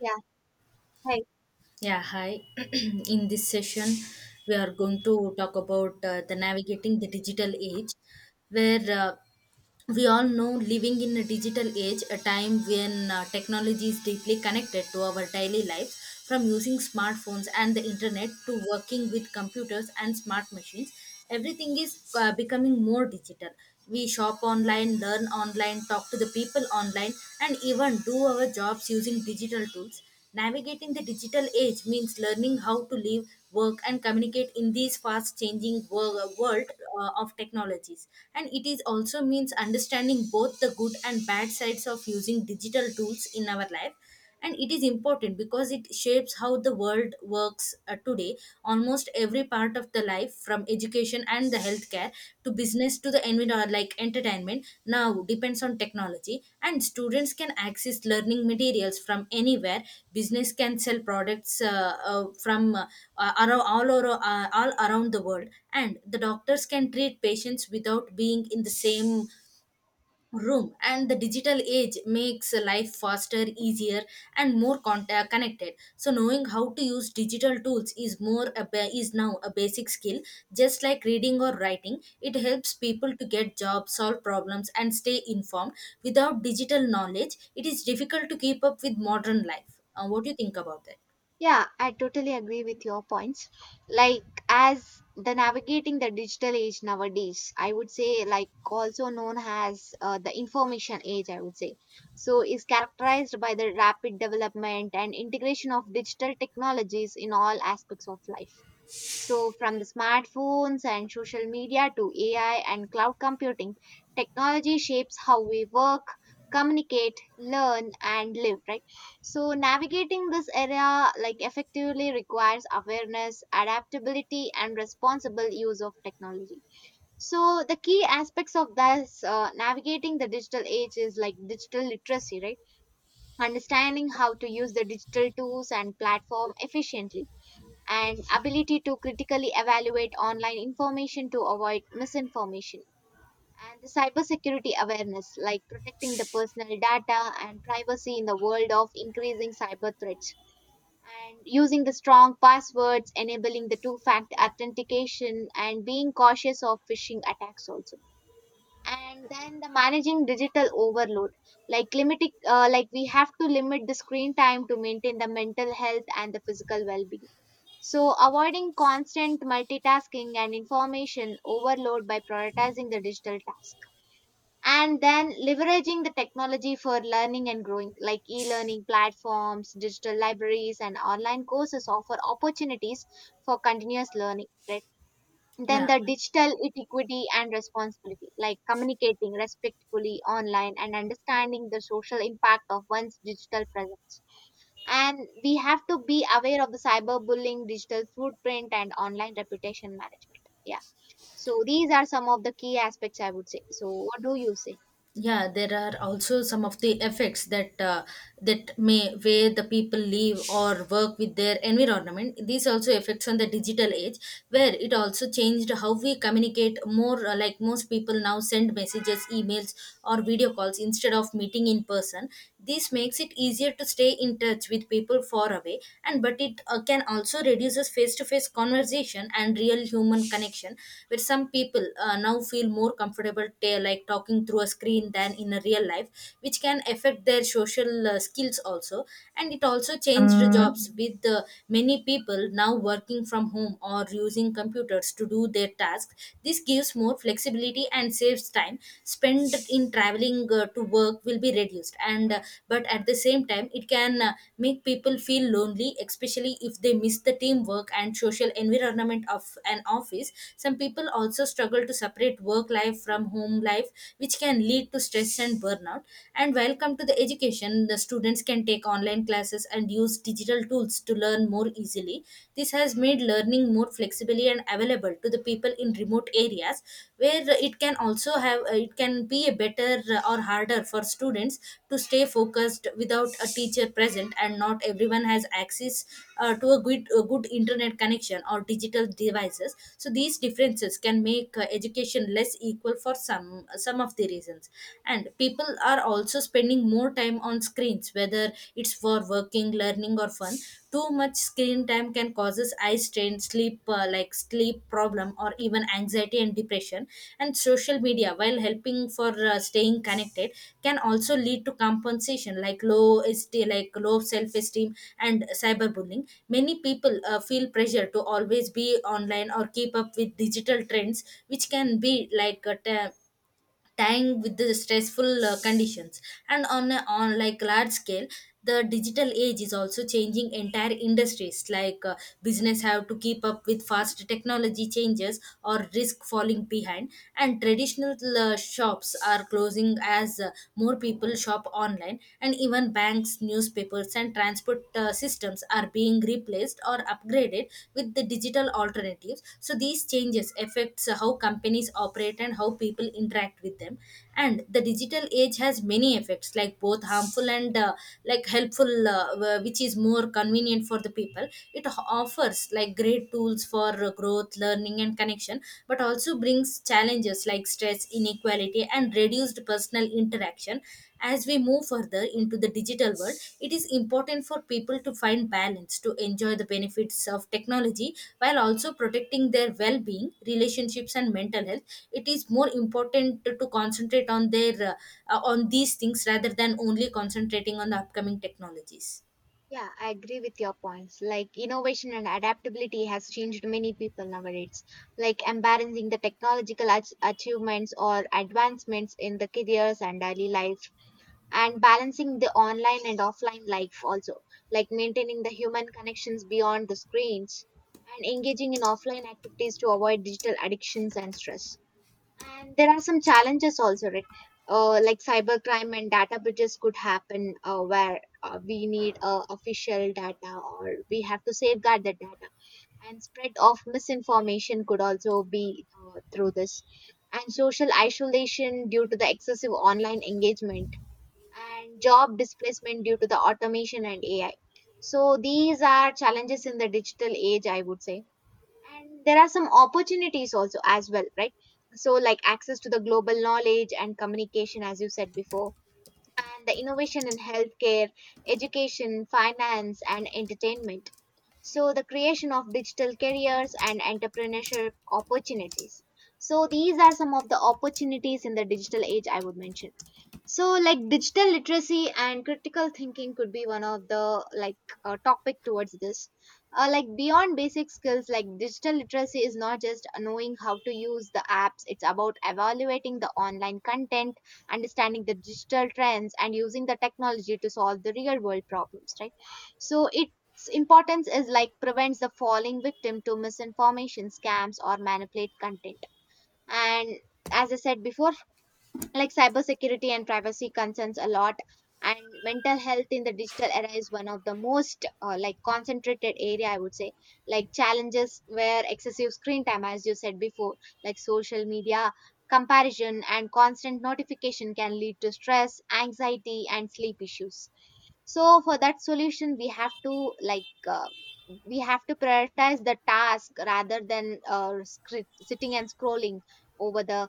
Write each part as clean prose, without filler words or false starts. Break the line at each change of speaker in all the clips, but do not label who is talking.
Yeah, hey.
Yeah, hi. In this session, we are going to talk about the navigating the digital age, where we all know living in a digital age, a time when technology is deeply connected to our daily lives, from using smartphones and the internet to working with computers and smart machines. Everything is becoming more digital. We shop online, learn online, talk to the people online, and even do our jobs using digital tools. Navigating the digital age means learning how to live, work, and communicate in this fast changing world of technologies. And it is also means understanding both the good and bad sides of using digital tools in our life, and it is important because it shapes how the world works today. Almost every part of the life, from education and the healthcare to business to the environment like entertainment, now depends on technology, and students can access learning materials from anywhere. Business can sell products from around all over, all around the world, and the doctors can treat patients without being in the same room. And the digital age makes life faster, easier, and more connected. So knowing how to use digital tools is is now a basic skill, just like reading or writing. It helps people to get jobs, solve problems, and stay informed. Without digital knowledge, it is difficult to keep up with modern life. What do you think about that?
Yeah, I totally agree with your points. Like as the navigating the digital age nowadays, I would say, like also known as the information age, I would say. So is characterized by the rapid development and integration of digital technologies in all aspects of life. So, from the smartphones and social media to AI and cloud computing, technology shapes how we work, communicate, learn, and live, right? So, navigating this area like effectively requires awareness, adaptability, and responsible use of technology. So, the key aspects of this navigating the digital age is like digital literacy, right? Understanding how to use the digital tools and platform efficiently, and ability to critically evaluate online information to avoid misinformation, and the cybersecurity awareness, like protecting the personal data and privacy in the world of increasing cyber threats, and using the strong passwords, enabling the two factor authentication, and being cautious of phishing attacks also. And then the managing digital overload, like limiting like we have to limit the screen time to maintain the mental health and the physical well being. So, avoiding constant multitasking and information overload by prioritizing the digital task. And then leveraging the technology for learning and growing, like e learning platforms, digital libraries, and online courses offer opportunities for continuous learning. Right? Then
Yeah.
the digital equity and responsibility, like communicating respectfully online and understanding the social impact of one's digital presence, and we have to be aware of the cyberbullying, digital footprint, and online reputation management. Yeah. So these are some of the key aspects, I would say. So what do you say?
Yeah, there are also some of the effects that that may where the people live or work with their environment, these also effects on the digital age, where it also changed how we communicate more. Like, most people now send messages, emails, or video calls instead of meeting in person. This makes it easier to stay in touch with people far away, and but it can also reduces face to face conversation and real human connection, where some people now feel more comfortable like talking through a screen than in a real life, which can affect their social skills also. And it also changed jobs
Um,
with many people now working from home or using computers to do their tasks. This gives more flexibility and saves time spent in traveling to work will be reduced, and but at the same time it can make people feel lonely, especially if they miss the teamwork and social environment of an office. Some people also struggle to separate work life from home life, which can lead to stress and burnout. And welcome to the education, the students can take online classes and use digital tools to learn more easily. This has made learning more flexibly and available to the people in remote areas, where it can also have it can be a better or harder for students to stay focused without a teacher present, and not everyone has access to a good internet connection or digital devices. So these differences can make education less equal for some of the reasons. And people are also spending more time on screens, whether it's for working, learning, or fun. Too much screen time can causes eye strain, sleep, sleep problem, or even anxiety and depression. And social media, while helping for staying connected, can also lead to compensation, like low self-esteem and cyberbullying. Many people feel pressure to always be online or keep up with digital trends, which can be like a te- tying with the stressful conditions. And on a on like large scale, the digital age is also changing entire industries. Business have to keep up with fast technology changes or risk falling behind, and traditional shops are closing as more people shop online. And even banks, newspapers, and transport systems are being replaced or upgraded with the digital alternatives. So these changes affects how companies operate and how people interact with them. And the digital age has many effects, like both harmful and like helpful, which is more convenient for the people. It offers like great tools for growth, learning, and connection, but also brings challenges factors like stress, inequality, and reduced personal interaction. As we move further into the digital world, it is important for people to find balance to enjoy the benefits of technology while also protecting their well being, relationships, and mental health. It is more important to concentrate on their, on these things rather than only concentrating on the upcoming technologies.
Yeah, I agree with your points. Like innovation and adaptability has changed many people nowadays. Like embarrassing the achievements or advancements in the careers and daily life, and balancing the online and offline life also, like maintaining the human connections beyond the screens, and engaging in offline activities to avoid digital addictions and stress. And there are some challenges also, right? Like cybercrime and data breaches could happen, where we need official data, or we have to safeguard the data, and spread of misinformation could also be through this, and social isolation due to the excessive online engagement, and job displacement due to the automation and AI. So these are challenges in the digital age, I would say. And there are some opportunities also as well, right? So like access to the global knowledge and communication, as you said before, and the innovation in healthcare, education, finance, and entertainment. So the creation of digital careers and entrepreneurship opportunities. So these are some of the opportunities in the digital age I would mention. So like digital literacy and critical thinking could be one of the topic towards this. Like beyond basic skills, like digital literacy is not just knowing how to use the apps. It's about evaluating the online content, understanding the digital trends, and using the technology to solve the real world problems, right? So its importance is like prevents the falling victim to misinformation, scams, or manipulate content. And as I said before, like cybersecurity and privacy concerns a lot. And mental health in the digital era is one of the most like concentrated area, I would say. Like challenges where excessive screen time, as you said before, like social media comparison and constant notification can lead to stress, anxiety, and sleep issues. So for that solution, we have to we have to prioritize the task rather than sitting and scrolling over the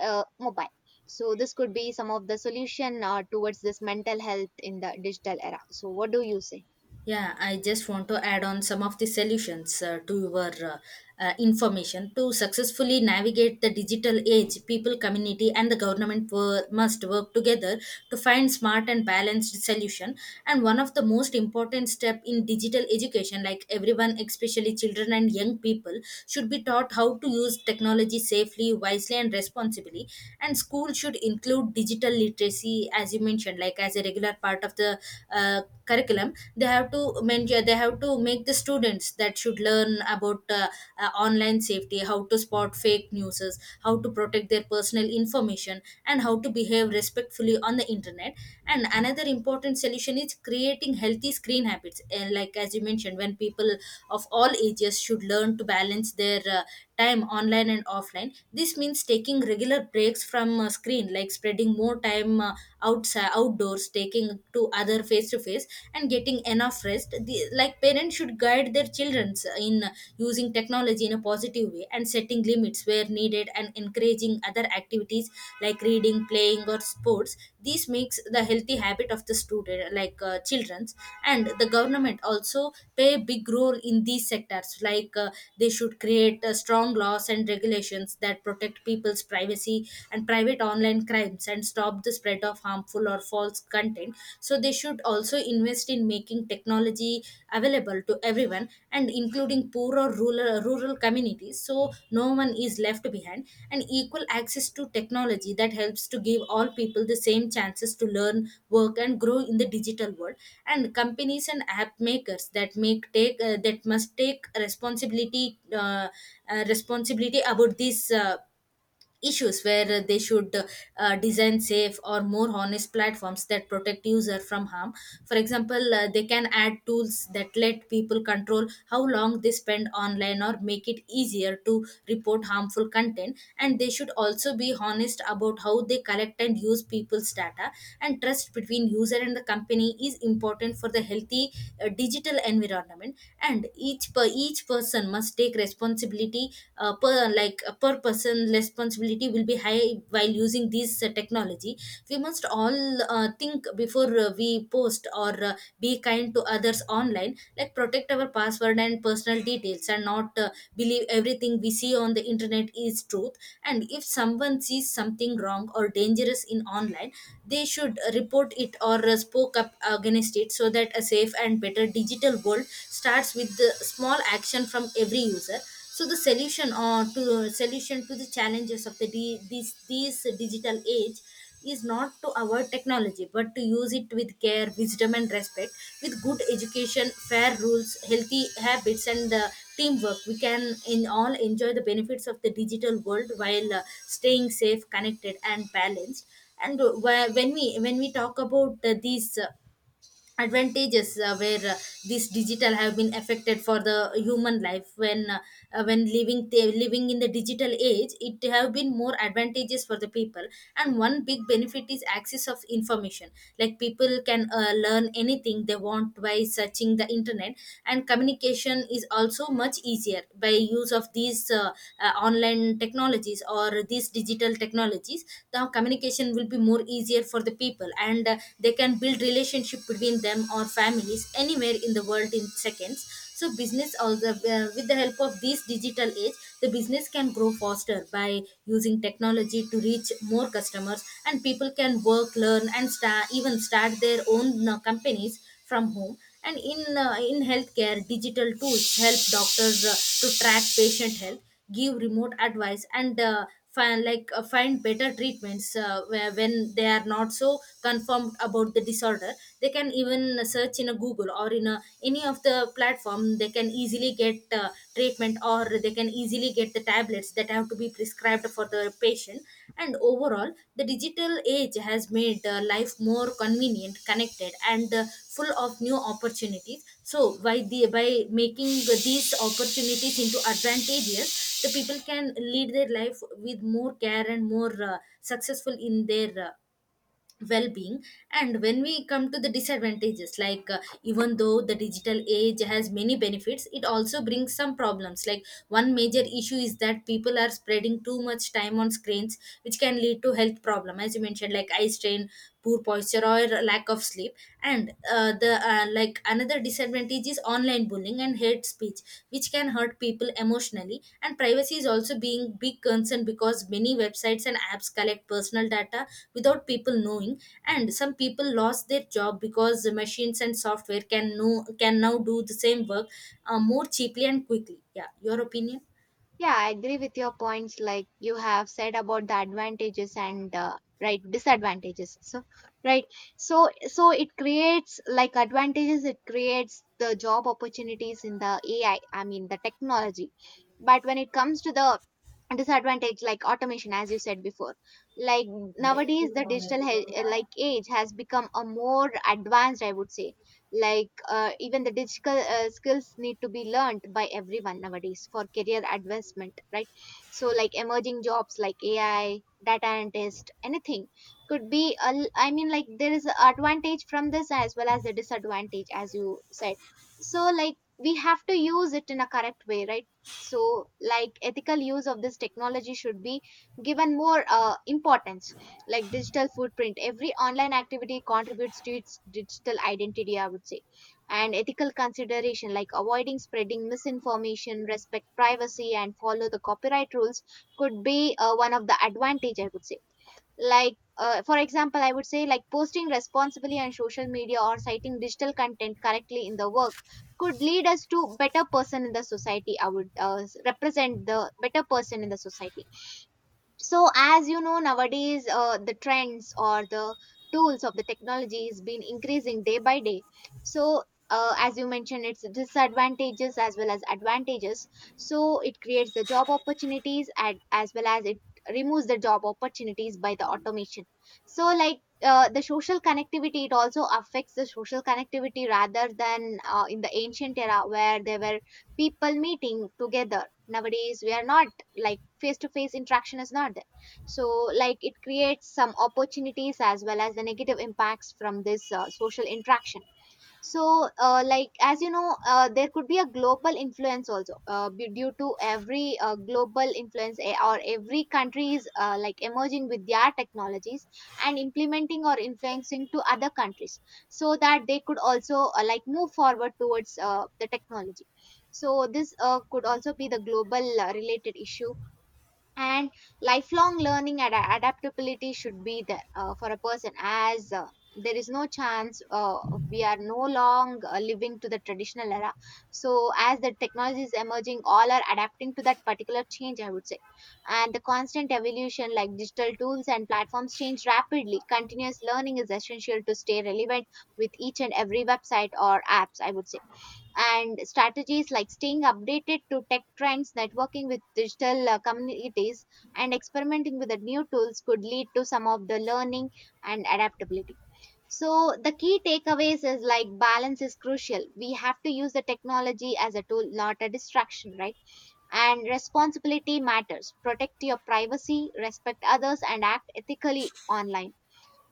mobile. So this could be some of the solution towards this mental health in the digital era. So what do you say?
Yeah, I just want to add on some of the solutions to your information. To successfully navigate the digital age, people, community, and the government must work together to find smart and balanced solution. And one of the most important step in digital education, like everyone, especially children and young people, should be taught how to use technology safely, wisely, and responsibly. And school should include digital literacy, as you mentioned, like as a regular part of the uh, curriculum. They have to mention, they have to make the students that should learn about online safety, how to spot fake news, how to protect their personal information, and how to behave respectfully on the internet. And another important solution is creating healthy screen habits, and like as you mentioned, when people of all ages should learn to balance their time online and offline. This means taking regular breaks from screen, like spreading more time outside, outdoors, taking to other face to face, and getting enough rest. The, like parents should guide their children in using technology in a positive way and setting limits where needed, and encouraging other activities like reading, playing, or sports. This makes the healthy habit of the student, children's. And the government also play a big role in these sectors. They should create strong laws and regulations that protect people's privacy and private online crimes, and stop the spread of harmful or false content. So they should also invest in making technology available to everyone, and including poor or rural communities, so no one is left behind, and equal access to technology that helps to give all people the same chances to learn, work, and grow in the digital world. And companies and app makers that make take that must take responsibility responsibility about this issues, where they should design safe or more honest platforms that protect user from harm. For example, they can add tools that let people control how long they spend online, or make it easier to report harmful content. And they should also be honest about how they collect and use people's data, and trust between user and the company is important for the healthy digital environment. And each person must take responsibility, per per person responsibility will be high while using these technology. We must all think before we post, or be kind to others online, like protect our password and personal details, and not believe everything we see on the internet is truth. And if someone sees something wrong or dangerous in online, they should report it, or spoke up against it, so that a safe and better digital world starts with the small action from every user. So the solution or to solution to the challenges of the di- this digital age is not to avoid technology, but to use it with care, wisdom, and respect. With good education, fair rules, healthy habits, and teamwork, we can in all enjoy the benefits of the digital world while staying safe, connected, and balanced. And uh, wh- when we when we talk about these advantages, where this digital have been affected for the human life, when living living in the digital age, it have been more advantages for the people. And one big benefit is access of information, like people can learn anything they want by searching the internet. And communication is also much easier by use of these, online technologies or these digital technologies. The communication will be more easier for the people, and they can build relationship between them or families anywhere in the world in seconds. So business or the with the help of this digital age, the business can grow faster by using technology to reach more customers, and people can work, learn, and start their own companies from home. And in healthcare, digital tools help doctors to track patient health, give remote advice, and find find better treatments, where, when they are not so confirmed about the disorder, they can even search in a Google or in a any of the platform. They can easily get treatment, or they can easily get the tablets that have to be prescribed for the patient. And overall, the digital age has made life more convenient, connected, and full of new opportunities. So, by making these opportunities into advantages, the people can lead their life with more care and more successful in their well-being. And when we come to the disadvantages, even though the digital age has many benefits, it also brings some problems. Like, one major issue is that people are spreading too much time on screens, which can lead to health problem, as you mentioned, like eye strain, poor posture, or lack of sleep. And uh, the uh, like, another disadvantage is online bullying and hate speech, which can hurt people emotionally. And privacy is also being big concern, because many websites and apps collect personal data without people knowing. And some people lost their job because the machines and software can now do the same work more cheaply and quickly. Yeah, your opinion.
Yeah, I agree with your points. Like you have said about the advantages and right, disadvantages. So right, so it creates like advantages. It creates the job opportunities in the AI. I mean the technology. But when it comes to the disadvantage, like automation, as you said before, like nowadays the like age has become a more advanced, I would say. Like even the digital skills need to be learned by everyone nowadays for career advancement, right? So like emerging jobs like AI, data analyst, anything could be I mean, like there is a advantage from this as well as the disadvantage, as you said. So like we have to use it in a correct way, right? So like ethical use of this technology should be given more importance. Like digital footprint, every online activity contributes to its digital identity, I would say. And ethical consideration, like avoiding spreading misinformation, respect privacy, and follow the copyright rules could be one of the advantage, I would say. Like for example, I would say, like posting responsibly on social media or citing digital content correctly in the work could lead us to better person in the society. I would represent the better person in the society. So as you know nowadays, the trends or the tools of the technology has been increasing day by day. So as you mentioned, it's disadvantages as well as advantages. So it creates the job opportunities and as well as it removes the job opportunities by the automation. So the social connectivity, it also affects the social connectivity rather than in the ancient era where there were people meeting together. Nowadays we are not, like face to face interaction is not there. So like it creates some opportunities as well as the negative impacts from this social interaction. So like as you know, there could be a global influence also, due to every global influence, or every country is like emerging with their technologies and implementing or influencing to other countries, so that they could also like move forward towards the technology. So this could also be the global related issue. And lifelong learning and adaptability should be there for a person, as there is no chance, we are no long living to the traditional era. So as the technology is emerging, all are adapting to that particular change, I would say. And the constant evolution, like digital tools and platforms change rapidly, continuous learning is essential to stay relevant with each and every website or apps, I would say. And strategies like staying updated to tech trends, networking with digital communities, and experimenting with the new tools could lead to some of the learning and adaptability. So, the key takeaways is like balance is crucial. We have to use the technology as a tool, not a distraction, right? And responsibility matters. Protect your privacy, respect others, and act ethically online.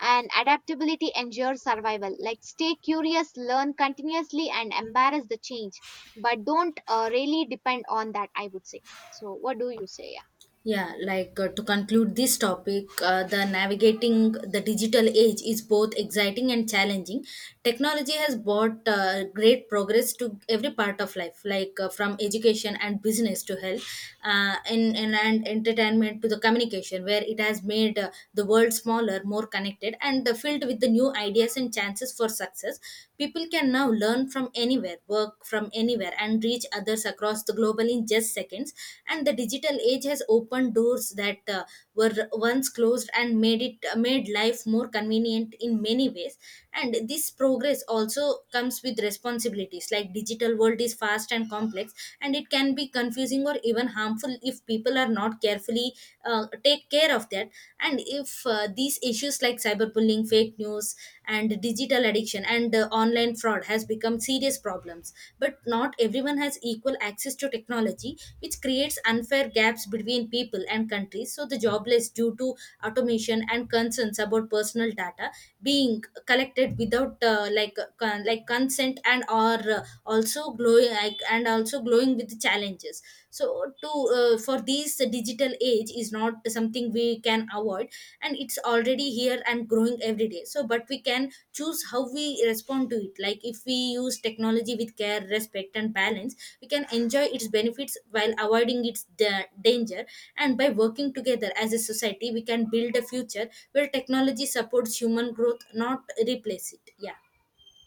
And adaptability ensures survival, like stay curious, learn continuously, and embrace the change, but don't really depend on that, I would say. So what do you say? Yeah.
Yeah, like to conclude this topic, the navigating the digital age is both exciting and challenging. Technology has brought great progress to every part of life, like from education and business to health, and entertainment to the communication, where it has made the world smaller, more connected, and filled with the new ideas and chances for success. People can now learn from anywhere, work from anywhere, and reach others across the globe in just seconds. And the digital age has opened doors that were once closed, and made life more convenient in many ways. And this progress also comes with responsibilities. Like, digital world is fast and complex, and it can be confusing or even harmful if people are not carefully take care of that. And if these issues like cyberbullying, fake news, and digital addiction, and online fraud has become serious problems. But not everyone has equal access to technology, which creates unfair gaps between people and countries. So the jobless due to automation, and concerns about personal data being collected without consent, and or also glowing like, and also glowing with challenges. So to for this, digital age is not something we can avoid, and it's already here and growing every day. So but we can choose how we respond to it. Like if we use technology with care, respect, and balance, we can enjoy its benefits while avoiding its danger. And by working together as a society, we can build a future where technology supports human growth, not replace it. Yeah.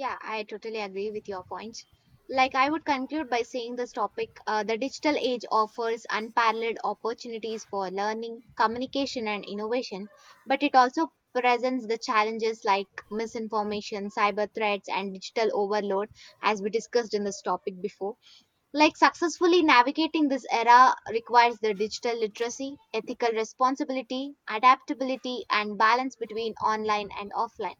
Yeah, I totally agree with your points. Like I would conclude by saying this topic, the digital age offers unparalleled opportunities for learning, communication, and innovation, but it also presents the challenges like misinformation, cyber threats, and digital overload, as we discussed in this topic before. Like successfully navigating this era requires the digital literacy, ethical responsibility, adaptability, and balance between online and offline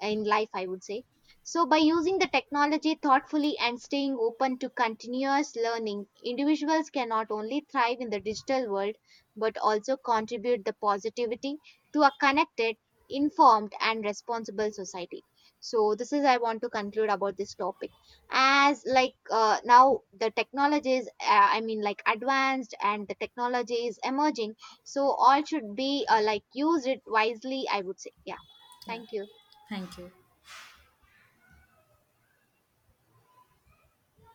in life, I would say. So, by using the technology thoughtfully and staying open to continuous learning, individuals can not only thrive in the digital world, but also contribute the positivity to a connected, informed, and responsible society. So, this is I want to conclude about this topic. As like now the technology is, I mean, like advanced, and the technology is emerging, so all should be like use it wisely, I would say. Yeah.
Yeah,
Thank you.
thank you.